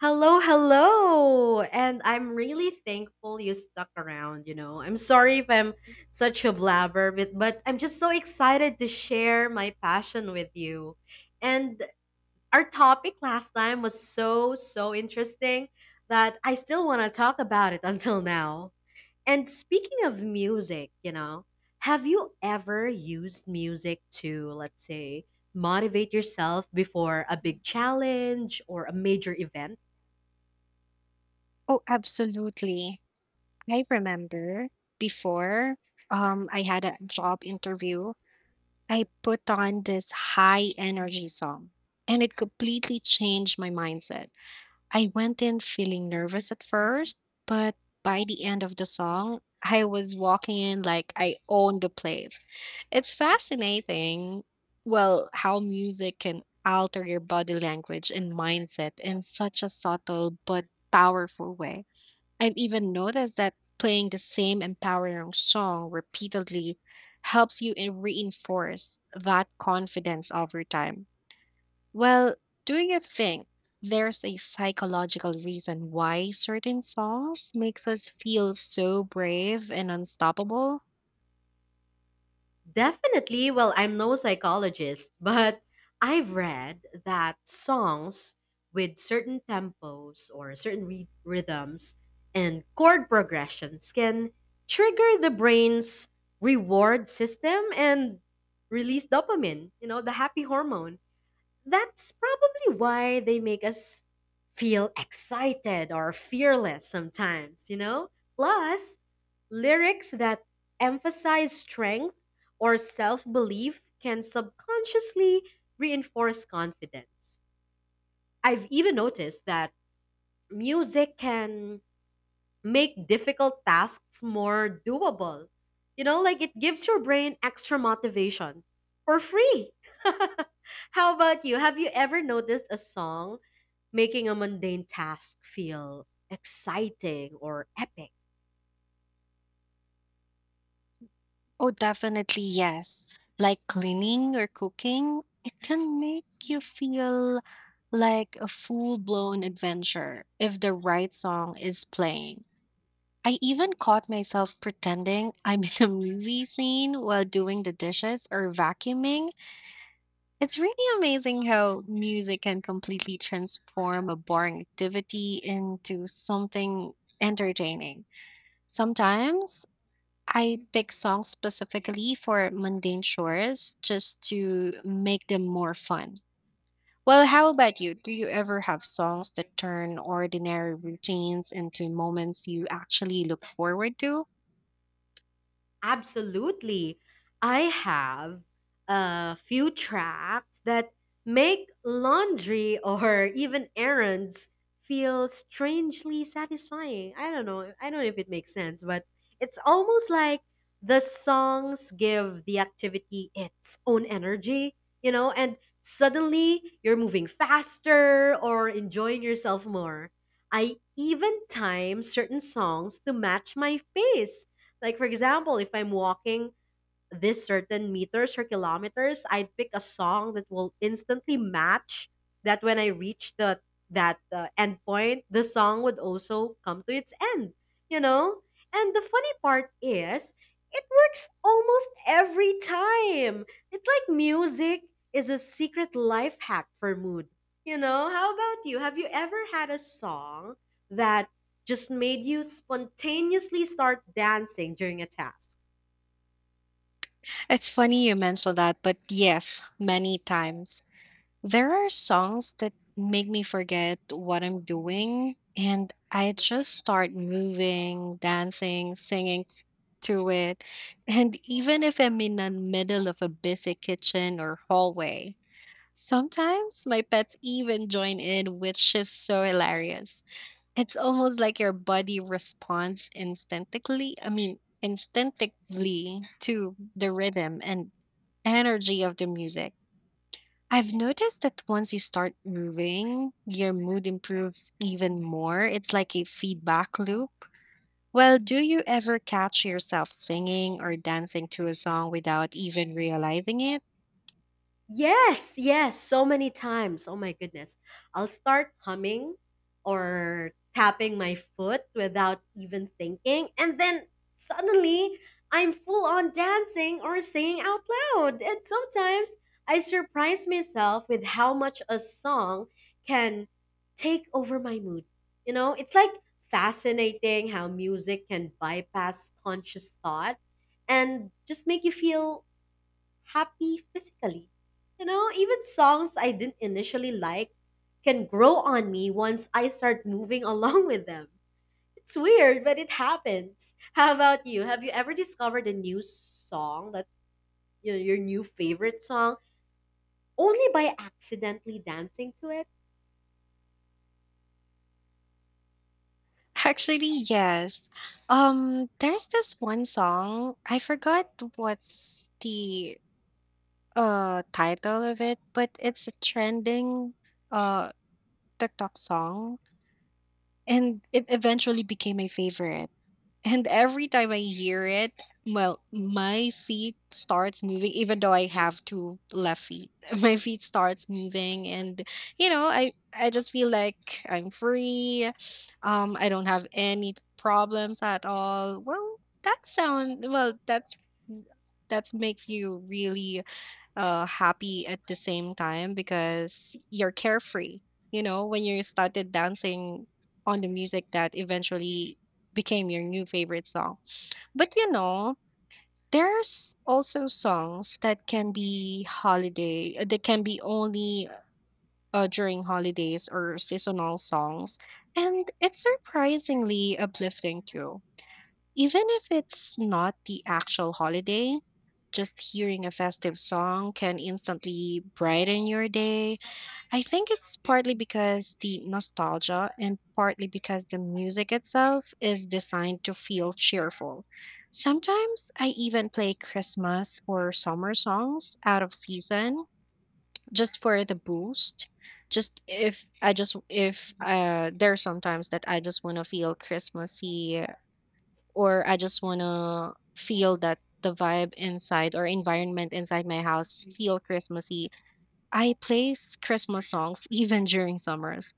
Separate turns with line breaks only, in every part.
Hello, hello. And I'm really thankful you stuck around, I'm sorry if I'm such a blabber, but I'm just so excited to share my passion with you. And our topic last time was so, so interesting that I still want to talk about it until now. And speaking of music, have you ever used music to, let's say, motivate yourself before a big challenge or a major event?
Oh, absolutely. I remember before I had a job interview, I put on this high energy song and it completely changed my mindset. I went in feeling nervous at first, but by the end of the song, I was walking in like I owned the place. It's fascinating, well, how music can alter your body language and mindset in such a subtle but powerful way. I've even noticed that playing the same empowering song repeatedly helps you reinforce that confidence over time. Well, do you think there's a psychological reason why certain songs makes us feel so brave and unstoppable?
Definitely, well, I'm no psychologist, but I've read that songs with certain tempos or certain rhythms and chord progressions can trigger the brain's reward system and release dopamine, the happy hormone. That's probably why they make us feel excited or fearless sometimes, you know? Plus, lyrics that emphasize strength or self belief can subconsciously reinforce confidence. I've even noticed that music can make difficult tasks more doable. Like it gives your brain extra motivation for free. How about you? Have you ever noticed a song making a mundane task feel exciting or epic?
Oh, definitely yes. Like cleaning or cooking, it can make you feel like a full-blown adventure if the right song is playing. I even caught myself pretending I'm in a movie scene while doing the dishes or vacuuming. It's really amazing how music can completely transform a boring activity into something entertaining. Sometimes I pick songs specifically for mundane chores just to make them more fun. Well, how about you? Do you ever have songs that turn ordinary routines into moments you actually look forward to?
Absolutely. I have a few tracks that make laundry or even errands feel strangely satisfying. I don't know if it makes sense, but it's almost like the songs give the activity its own energy, and suddenly you're moving faster or enjoying yourself more. I even time certain songs to match my pace like, for example, if I'm walking this certain meters or kilometers, I'd pick a song that will instantly match that when I reach the that end point, the song would also come to its end, you know? And the funny part is, it works almost every time. It's like music is a secret life hack for mood. How about you? Have you ever had a song that just made you spontaneously start dancing during a task?
It's funny you mentioned that, but yes, many times. There are songs that make me forget what I'm doing, and I just start moving, dancing, to it. And even if I'm in the middle of a busy kitchen or hallway, sometimes my pets even join in, which is so hilarious. It's almost like your body responds instinctively, I mean, instinctively to the rhythm and energy of the music. I've noticed that once you start moving, your mood improves even more. It's like a feedback loop. Well, do you ever catch yourself singing or dancing to a song without even realizing it?
Yes, yes, so many times. Oh my goodness. I'll start humming or tapping my foot without even thinking, and then suddenly I'm full on dancing or singing out loud. And sometimes I surprise myself with how much a song can take over my mood. It's like fascinating how music can bypass conscious thought and just make you feel happy physically. Even songs I didn't initially like can grow on me once I start moving along with them. It's weird, but it happens. How about you? Have you ever discovered a new song that your new favorite song only by accidentally dancing to it?
Actually, yes. There's this one song. I forgot what's the title of it, but it's a trending uh TikTok song and it eventually became my favorite. And every time I hear it, well, my feet starts moving even though I have two left feet. My feet starts moving and you know, I just feel like I'm free. I don't have any problems at all. Well, that's that makes you really happy at the same time because you're carefree. You know, when you started dancing on the music that eventually became your new favorite song. But you know, there's also songs that can be that can be only during holidays or seasonal songs. And it's surprisingly uplifting too. Even if it's not the actual holiday, just hearing a festive song can instantly brighten your day. I think it's partly because the nostalgia and partly because the music itself is designed to feel cheerful. Sometimes I even play Christmas or summer songs out of season just for the boost. Just if I just if There's sometimes that I just want to feel Christmassy or I just want to feel that the vibe inside or environment inside my house feel Christmassy. I place Christmas songs even during summers.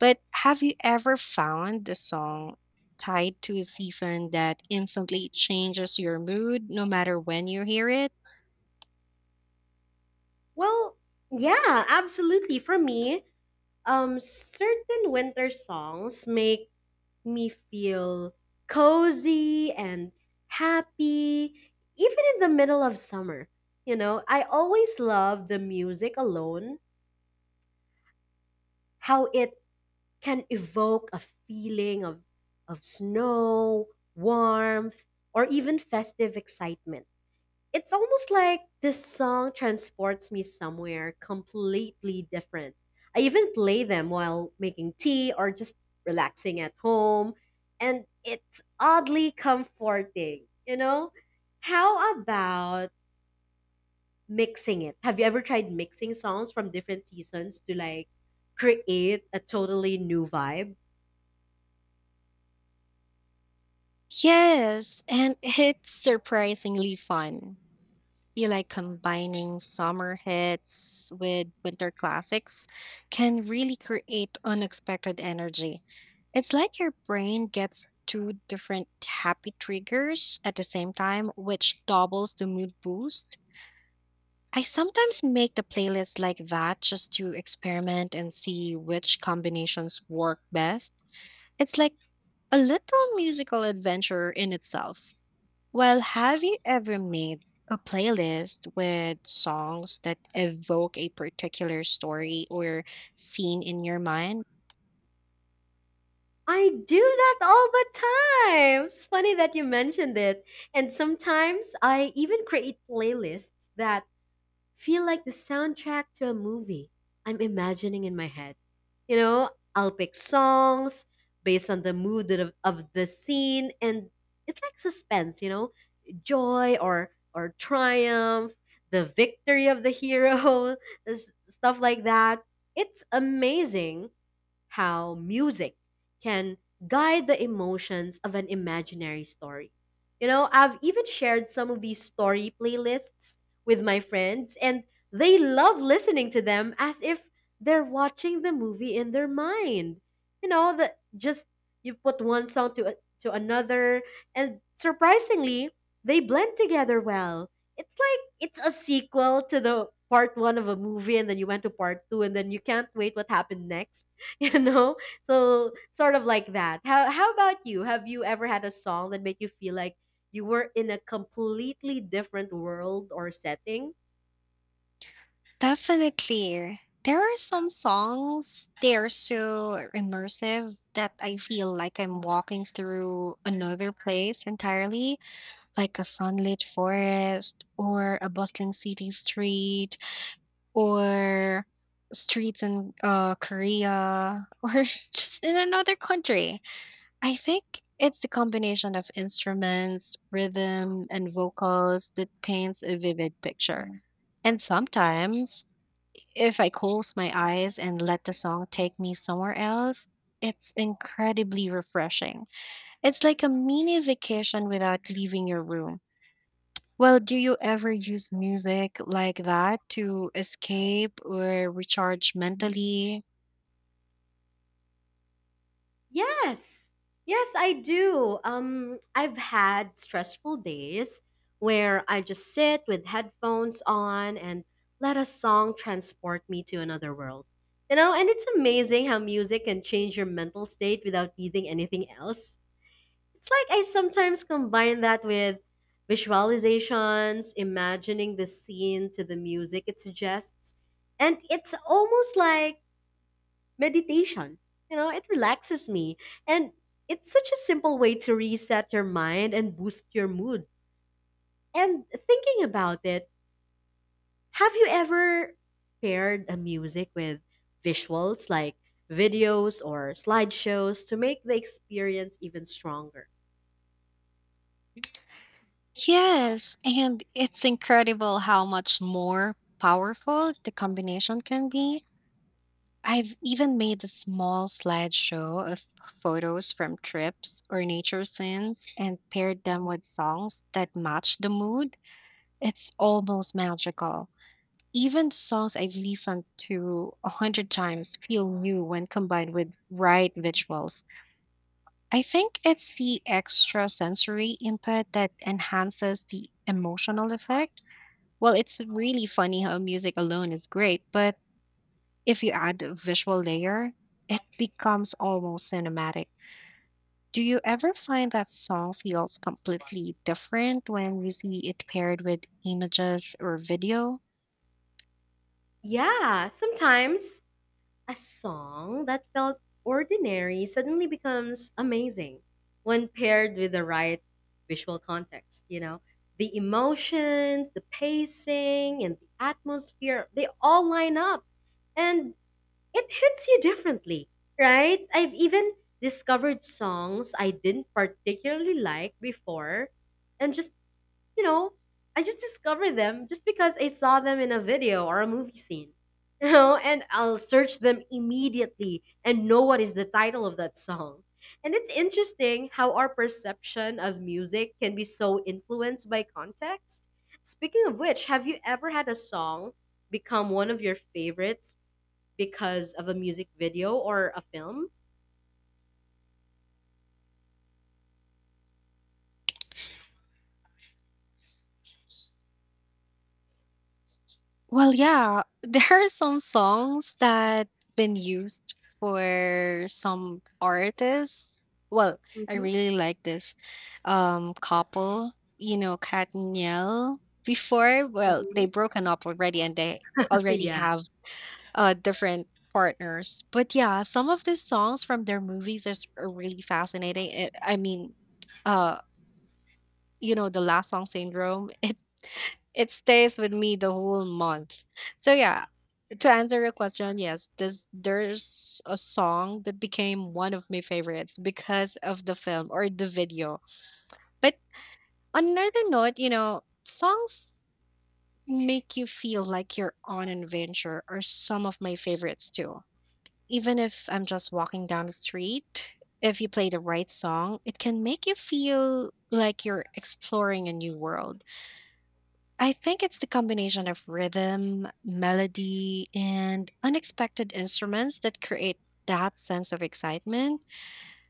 But have you ever found a song tied to a season that instantly changes your mood no matter when you hear it?
Well, yeah, absolutely. For me, certain winter songs make me feel cozy and happy, even in the middle of summer. You know, I always love the music alone, how it can evoke a feeling of snow, warmth, or even festive excitement. It's almost like this song transports me somewhere completely different. I even play them while making tea or just relaxing at home, and it's oddly comforting, you know? How about mixing it? Have you ever tried mixing songs from different seasons to like create a totally new vibe?
Yes, and it's surprisingly fun. Feel like combining summer hits with winter classics can really create unexpected energy. It's like your brain gets two different happy triggers at the same time, which doubles the mood boost. I sometimes make the playlist like that just to experiment and see which combinations work best. It's like a little musical adventure in itself. Well, have you ever made a playlist with songs that evoke a particular story or scene in your mind?
I do that all the time. It's funny that you mentioned it. And sometimes I even create playlists that feel like the soundtrack to a movie I'm imagining in my head. You know, I'll pick songs based on the mood of the scene, and it's like suspense. You know, joy or triumph, the victory of the hero, stuff like that. It's amazing how music can guide the emotions of an imaginary story. You know, I've even shared some of these story playlists with my friends, and they love listening to them as if they're watching the movie in their mind. That just you put one song to another, and surprisingly, they blend together well. It's like it's a sequel to the part one of a movie, and then you went to part two, and then you can't wait what happened next. you know so sort of like that. How about you? Have you ever had a song that made you feel like you were in a completely different world or setting?
Definitely. There are some songs, they are so immersive that I feel like I'm walking through another place entirely, like a sunlit forest or a bustling city street or streets in Korea or just in another country. I think it's the combination of instruments, rhythm, and vocals that paints a vivid picture. And sometimes, if I close my eyes and let the song take me somewhere else, it's incredibly refreshing. It's like a mini vacation without leaving your room. Well, do you ever use music like that to escape or recharge mentally?
Yes, yes, I do. I've had stressful days where I just sit with headphones on and let a song transport me to another world. You know, and it's amazing how music can change your mental state without needing anything else. It's like I sometimes combine that with visualizations, imagining the scene to the music it suggests. And it's almost like meditation. You know, it relaxes me. And it's such a simple way to reset your mind and boost your mood. And thinking about it, have you ever paired a music with visuals like videos or slideshows to make the experience even stronger?
Yes, and it's incredible how much more powerful the combination can be. I've even made a small slideshow of photos from trips or nature scenes and paired them with songs that match the mood. It's almost magical. Even songs I've listened to a hundred times feel new when combined with right visuals. I think it's the extra sensory input that enhances the emotional effect. Well, it's really funny how music alone is great, but if you add a visual layer, it becomes almost cinematic. Do you ever find that song feels completely different when you see it paired with images or video?
Yeah, sometimes a song that felt ordinary suddenly becomes amazing when paired with the right visual context, you know? The emotions, the pacing, and the atmosphere, they all line up and it hits you differently, right? I've even discovered songs I didn't particularly like before and just you know, I just discovered them just because I saw them in a video or a movie scene. You know, and I'll search them immediately and know what is the title of that song. And it's interesting how our perception of music can be so influenced by context. Speaking of which, have you ever had a song become one of your favorites because of a music video or a film?
Well, yeah, there are some songs that been used for some artists. Well, I
Hmm.
really like this couple, you know, Kat and Niel. Before, well, they
Hmm.
broken up already and they already
Yeah.
have different partners. But yeah, some of the songs from their are really fascinating. It, I mean, uh, you know, the last song syndrome. It stays with me the whole month. So yeah, to answer your question, yes, this there's a song that became one of my favorites because of the film or the video. But on another note, you know, songs make you feel like you're on an adventure are some of my favorites too. Even if I'm just walking down the street, if you play the right song, it can make you feel like you're exploring a new world. I think it's the combination of rhythm, melody, and unexpected instruments that create that sense of excitement.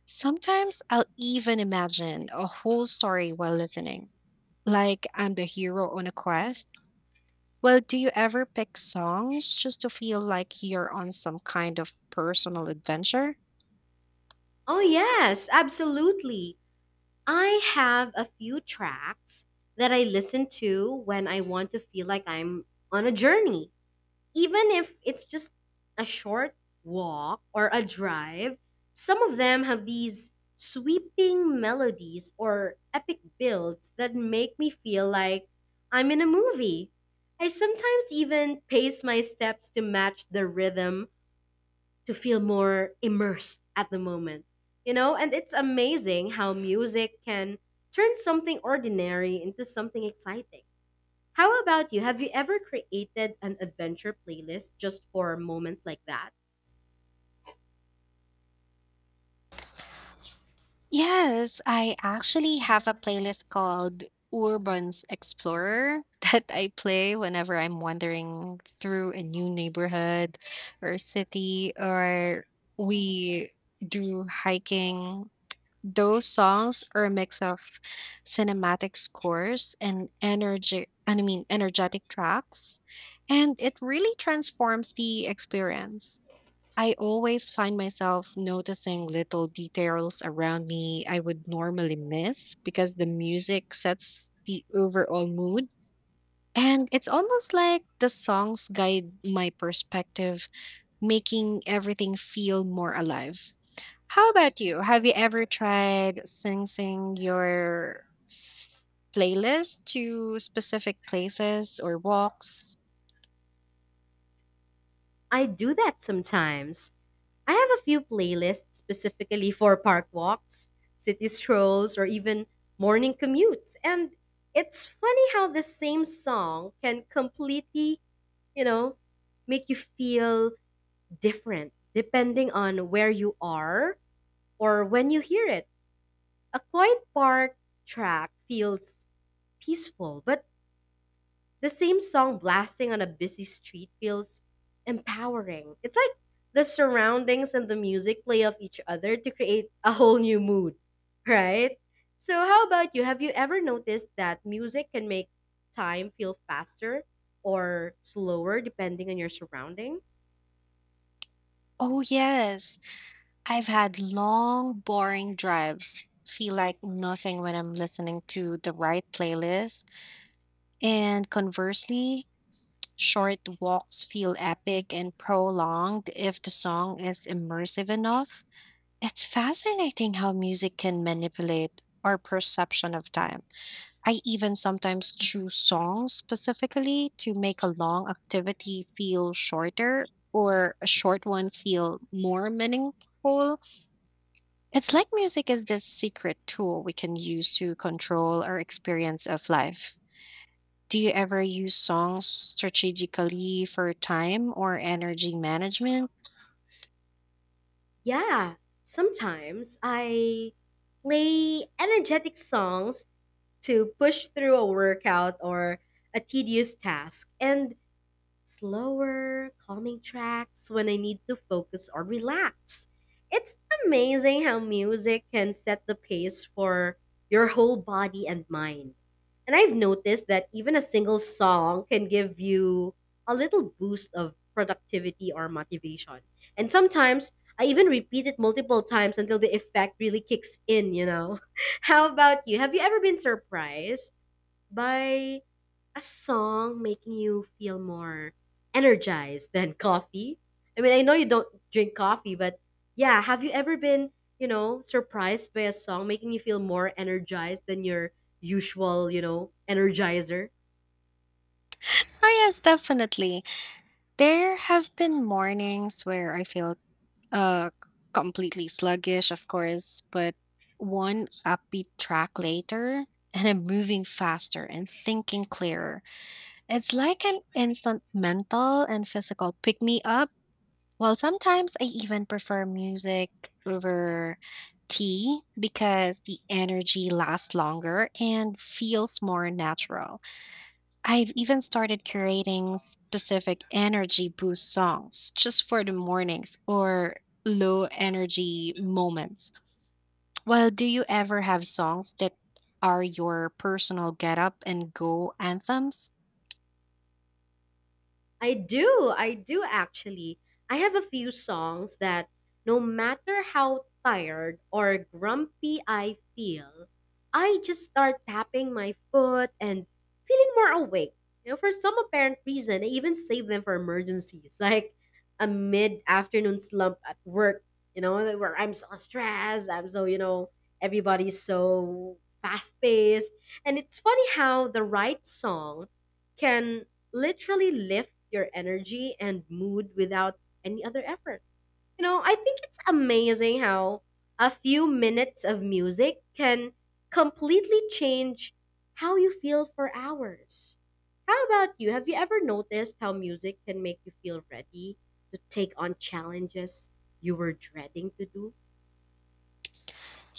Sometimes I'll even imagine a whole story while listening, like I'm the hero on a quest. Well, do you ever pick songs just to feel like you're on some kind of personal adventure?
Oh, yes, absolutely. I have a few tracks that I listen to when I want to feel like I'm on a journey. Even if it's just a short walk or a drive, some of them have these sweeping melodies or epic builds that make me feel like I'm in a movie. I sometimes even pace my steps to match the rhythm to feel more immersed at the moment. You know, and it's amazing how music can turn something ordinary into something exciting. How about you? Have you ever created an adventure playlist just for moments like that?
Yes, I actually have a playlist called Urban's Explorer that I play whenever I'm wandering through a new neighborhood or city or we do hiking. Those songs are a mix of cinematic scores and energy I mean energetic tracks and it really transforms the experience. I always find myself noticing little details around me I would normally miss because the music sets the overall mood. And it's almost like the songs guide my perspective, making everything feel more alive. How about you? Have you ever tried syncing your playlist to specific places or walks?
I do that sometimes. I have a few playlists specifically for park walks, city strolls, or even morning commutes. And it's funny how the same song can completely, you know, make you feel different depending on where you are or when you hear it. A quiet park track feels peaceful, but the same song blasting on a busy street feels empowering. It's like the surroundings and the music play off each other to create a whole new mood, right? So, how about you? Have you ever noticed that music can make time feel faster or slower depending on your surrounding?
Oh, yes. I've had long, boring drives feel like nothing when I'm listening to the right playlist. And conversely, short walks feel epic and prolonged if the song is immersive enough. It's fascinating how music can manipulate our perception of time. I even sometimes choose songs specifically to make a long activity feel shorter or a short one feel more meaningful. It's like music is this secret tool we can use to control our experience of life. Do you ever use songs strategically for time or energy management?
Yeah, sometimes I play energetic songs to push through a workout or a tedious task. And slower, calming tracks when I need to focus or relax. It's amazing how music can set the pace for your whole body and mind. And I've noticed that even a single song can give you a little boost of productivity or motivation. And sometimes I even repeat it multiple times until the effect really kicks in, How about you? Have you ever been surprised by a song making you feel more energized than coffee? I mean, I know you don't drink coffee, but yeah, have you ever been, surprised by a song making you feel more energized than your usual, energizer?
Oh, yes, definitely. There have been mornings where I feel uh, completely sluggish, of course, but one upbeat track later, and I'm moving faster and thinking clearer. It's like an instant mental and physical pick me up. Well, sometimes I even prefer music over tea because the energy lasts longer and feels more natural. I've even started creating specific energy boost songs just for the mornings or low energy moments. Well, do you ever have songs that are your personal get up and go anthems?
I do. I do actually. I have a few songs that no matter how tired or grumpy I feel, I just start tapping my foot and feeling more awake. You know, for some apparent reason, I even save them for emergencies, like a mid-afternoon slump at work, where I'm so stressed, I'm so, everybody's so fast-paced. And it's funny how the right song can literally lift your energy and mood without any other effort. You know, I think it's amazing how a few minutes of music can completely change how you feel for hours. How about you? Have you ever noticed how music can make you feel ready to take on challenges you were dreading to do?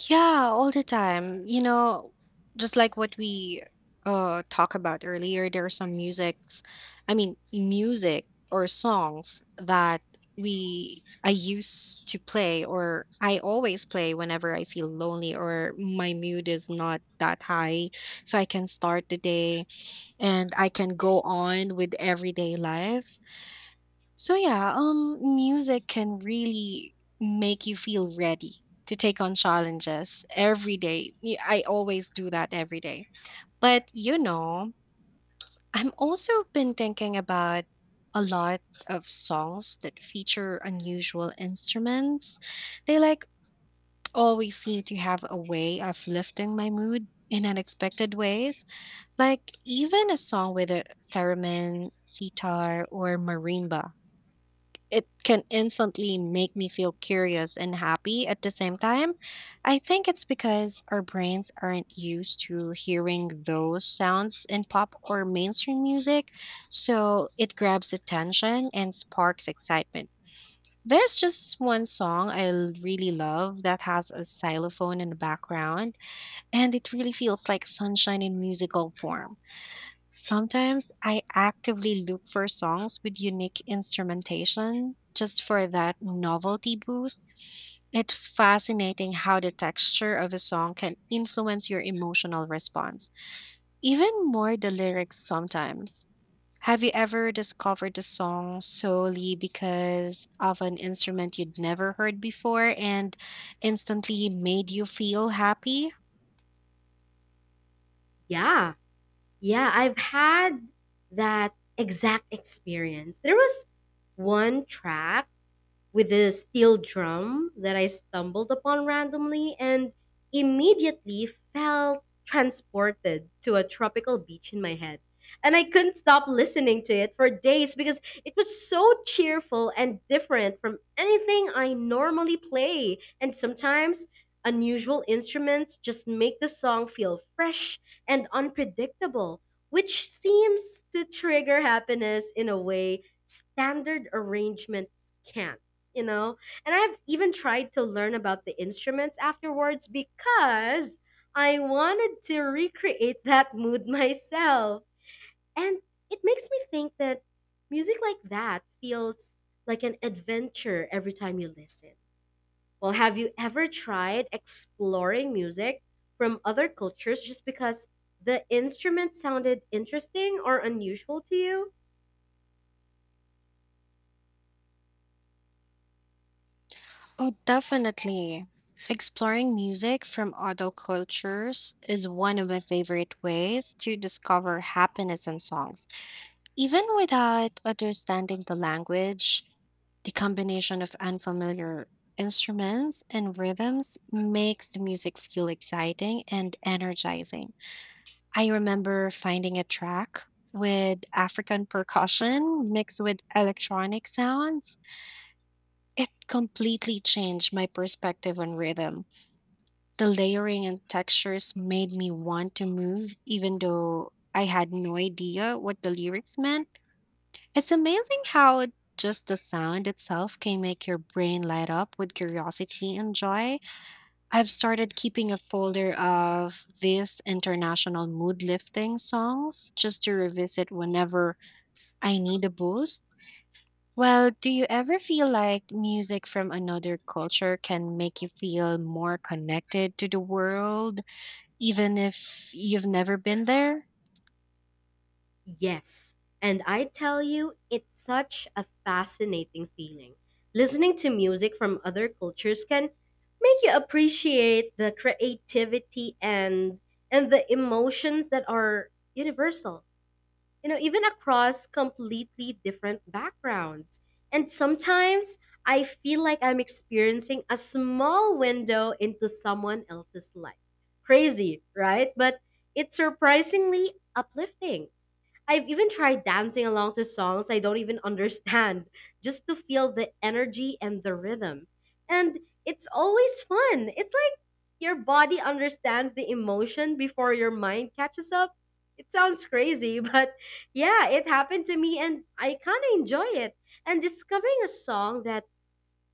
Yeah, all the time. You know, just like what we talk about earlier, there are some musics, I mean, music or songs that we I used to play or I always play whenever I feel lonely or my mood is not that high, so I can start the day and I can go on with everyday life. So yeah, music can really make you feel ready to take on challenges every day. I always do that every day. But you know, I'm also been thinking about a lot of songs that feature unusual instruments. They like always seem to have a way of lifting my mood in unexpected ways. Like even a song with a theremin, sitar, or marimba it can instantly make me feel curious and happy at the same time. I think it's because our brains aren't used to hearing those sounds in pop or mainstream music, so it grabs attention and sparks excitement. There's just one song really love that has a xylophone in the background, and it really feels like sunshine in musical form. Sometimes I actively look for songs with unique instrumentation just for that novelty boost. It's fascinating how the texture of a song can influence your emotional response, even more the lyrics sometimes. Have you ever discovered a song solely because of an instrument you'd never heard before and instantly made you feel happy?
Yeah, yeah, I've had that exact experience. There was one track with a steel drum that I stumbled upon randomly and immediately felt transported to a tropical beach in my head. And I couldn't stop listening to it for days because it was so cheerful and different from anything I normally play. And sometimes unusual instruments just make the song feel fresh and unpredictable, which seems to trigger happiness in a way standard arrangements can't, you know? And I've even tried to learn about the instruments afterwards because I wanted to recreate that mood myself. And it makes me think that music like that feels like an adventure every time you listen. Well, have you ever tried exploring music from other cultures just because the instrument sounded interesting or unusual to you?
Oh, definitely. Exploring music from other cultures is one of my favorite ways to discover happiness in songs. Even without understanding the language, the combination of unfamiliar instruments and rhythms makes the music feel exciting and energizing. I remember finding a track with African percussion mixed with electronic sounds. It completely changed my perspective on rhythm. The layering and textures made me want to move, even though I had no idea what the lyrics meant. It's amazing how just the sound itself can make your brain light up with curiosity and joy. I've started keeping a folder of these international mood lifting songs just to revisit whenever I need a boost. Well, do you ever feel like music from another culture can make you feel more connected to the world? Even if you've never been there?
Yes. And I tell you, it's such a fascinating feeling. Listening to music from other cultures can make you appreciate the creativity and the emotions that are universal. You know, even across completely different backgrounds. And sometimes I feel like I'm experiencing a small window into someone else's life. Crazy, right? But it's surprisingly uplifting. I've even tried dancing along to songs I don't even understand just to feel the energy and the rhythm. And it's always fun. It's like your body understands the emotion before your mind catches up. It sounds crazy, but yeah, it happened to me and I kind of enjoy it. And discovering a song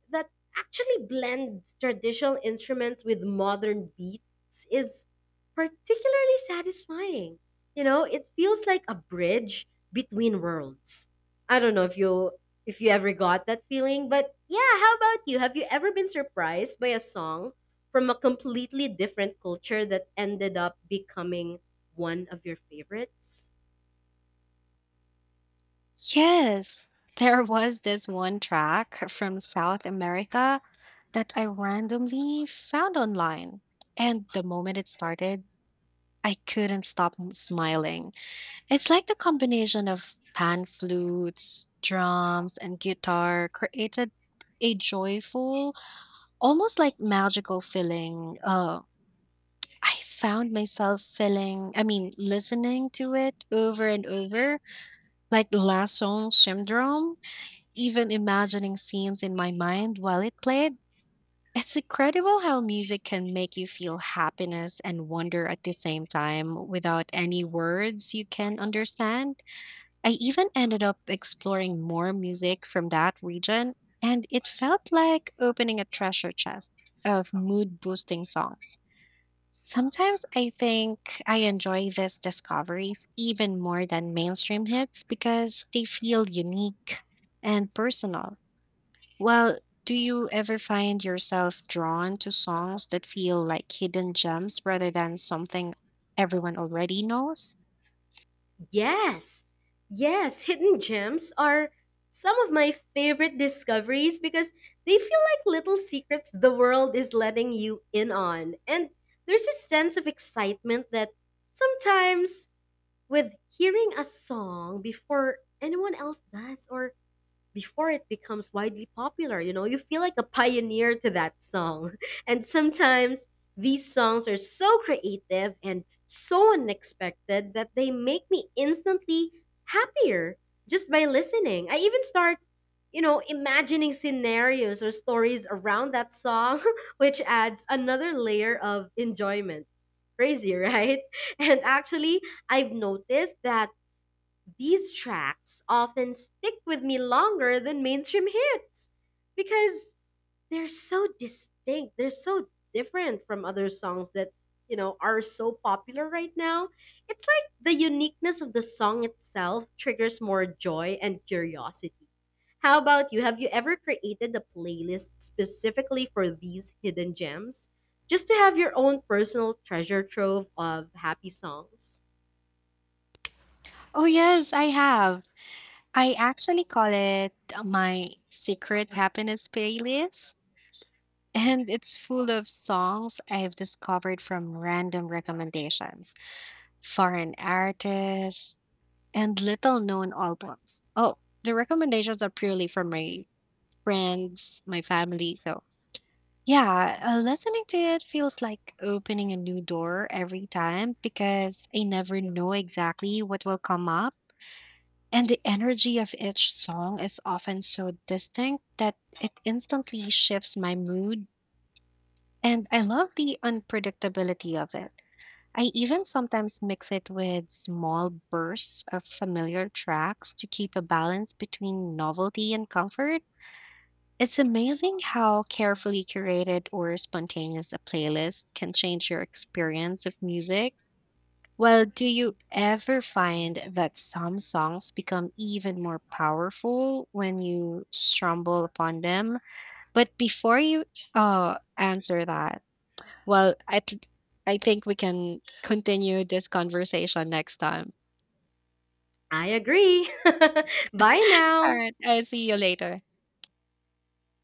that actually blends traditional instruments with modern beats is particularly satisfying. You know, it feels like a bridge between worlds. I don't know if you ever got that feeling, but yeah, how about you? Have you ever been surprised by a song from a completely different culture that ended up becoming one of your favorites?
Yes. There was this one track from South America that I randomly found online. And the moment it started, I couldn't smiling. It's like the combination of pan flutes, drums, and guitar created a joyful, almost like magical feeling. I found myself listening to it over and over. Like Lassonde syndrome, even imagining scenes in my mind while it played, it's incredible how music can make you feel happiness and wonder at the same time without any words you can understand. I even ended up exploring more music from that region, and it felt like opening a treasure chest of mood boosting songs. Sometimes I think I enjoy these discoveries even more than mainstream hits because they feel unique and personal. Well, do you ever find yourself drawn to songs that feel like hidden gems rather than something everyone already knows?
Yes, yes, hidden gems are some of my favorite discoveries because they feel like little secrets the world is letting you in on. And there's a sense of excitement that sometimes with hearing a song before anyone else does, or before it becomes widely popular. You know, you feel like a pioneer to that song. And sometimes these songs are so creative and so unexpected that they make me instantly happier just by listening. I even start, imagining scenarios or stories around that song, which adds another layer of enjoyment. Crazy, right? And actually, I've noticed that these tracks often stick with me longer than mainstream hits because they're so distinct. They're so different from other songs that, are so popular right now. It's like the uniqueness of the song itself triggers more joy and curiosity. How about you? Have you ever created a playlist specifically for these hidden gems? Just to have your own personal treasure trove of happy songs?
Oh, yes, I have. I actually call it my secret happiness playlist, and it's full of songs I've discovered from random recommendations, foreign artists, and little known albums. Oh, the recommendations are purely from my friends, my family. So, yeah, listening to it feels like opening a new door every time because I never know exactly what will come up. And the energy of each song is often so distinct that it instantly shifts my mood. And I love the unpredictability of it. I even sometimes mix it with small bursts of familiar tracks to keep a balance between novelty and comfort. It's amazing how carefully curated or spontaneous a playlist can change your experience of music. Well, do you ever find that some songs become even more powerful when you stumble upon them? But before you answer that, well, I think we can continue this conversation next time.
I agree. Bye
All
now.
right. I'll see you later.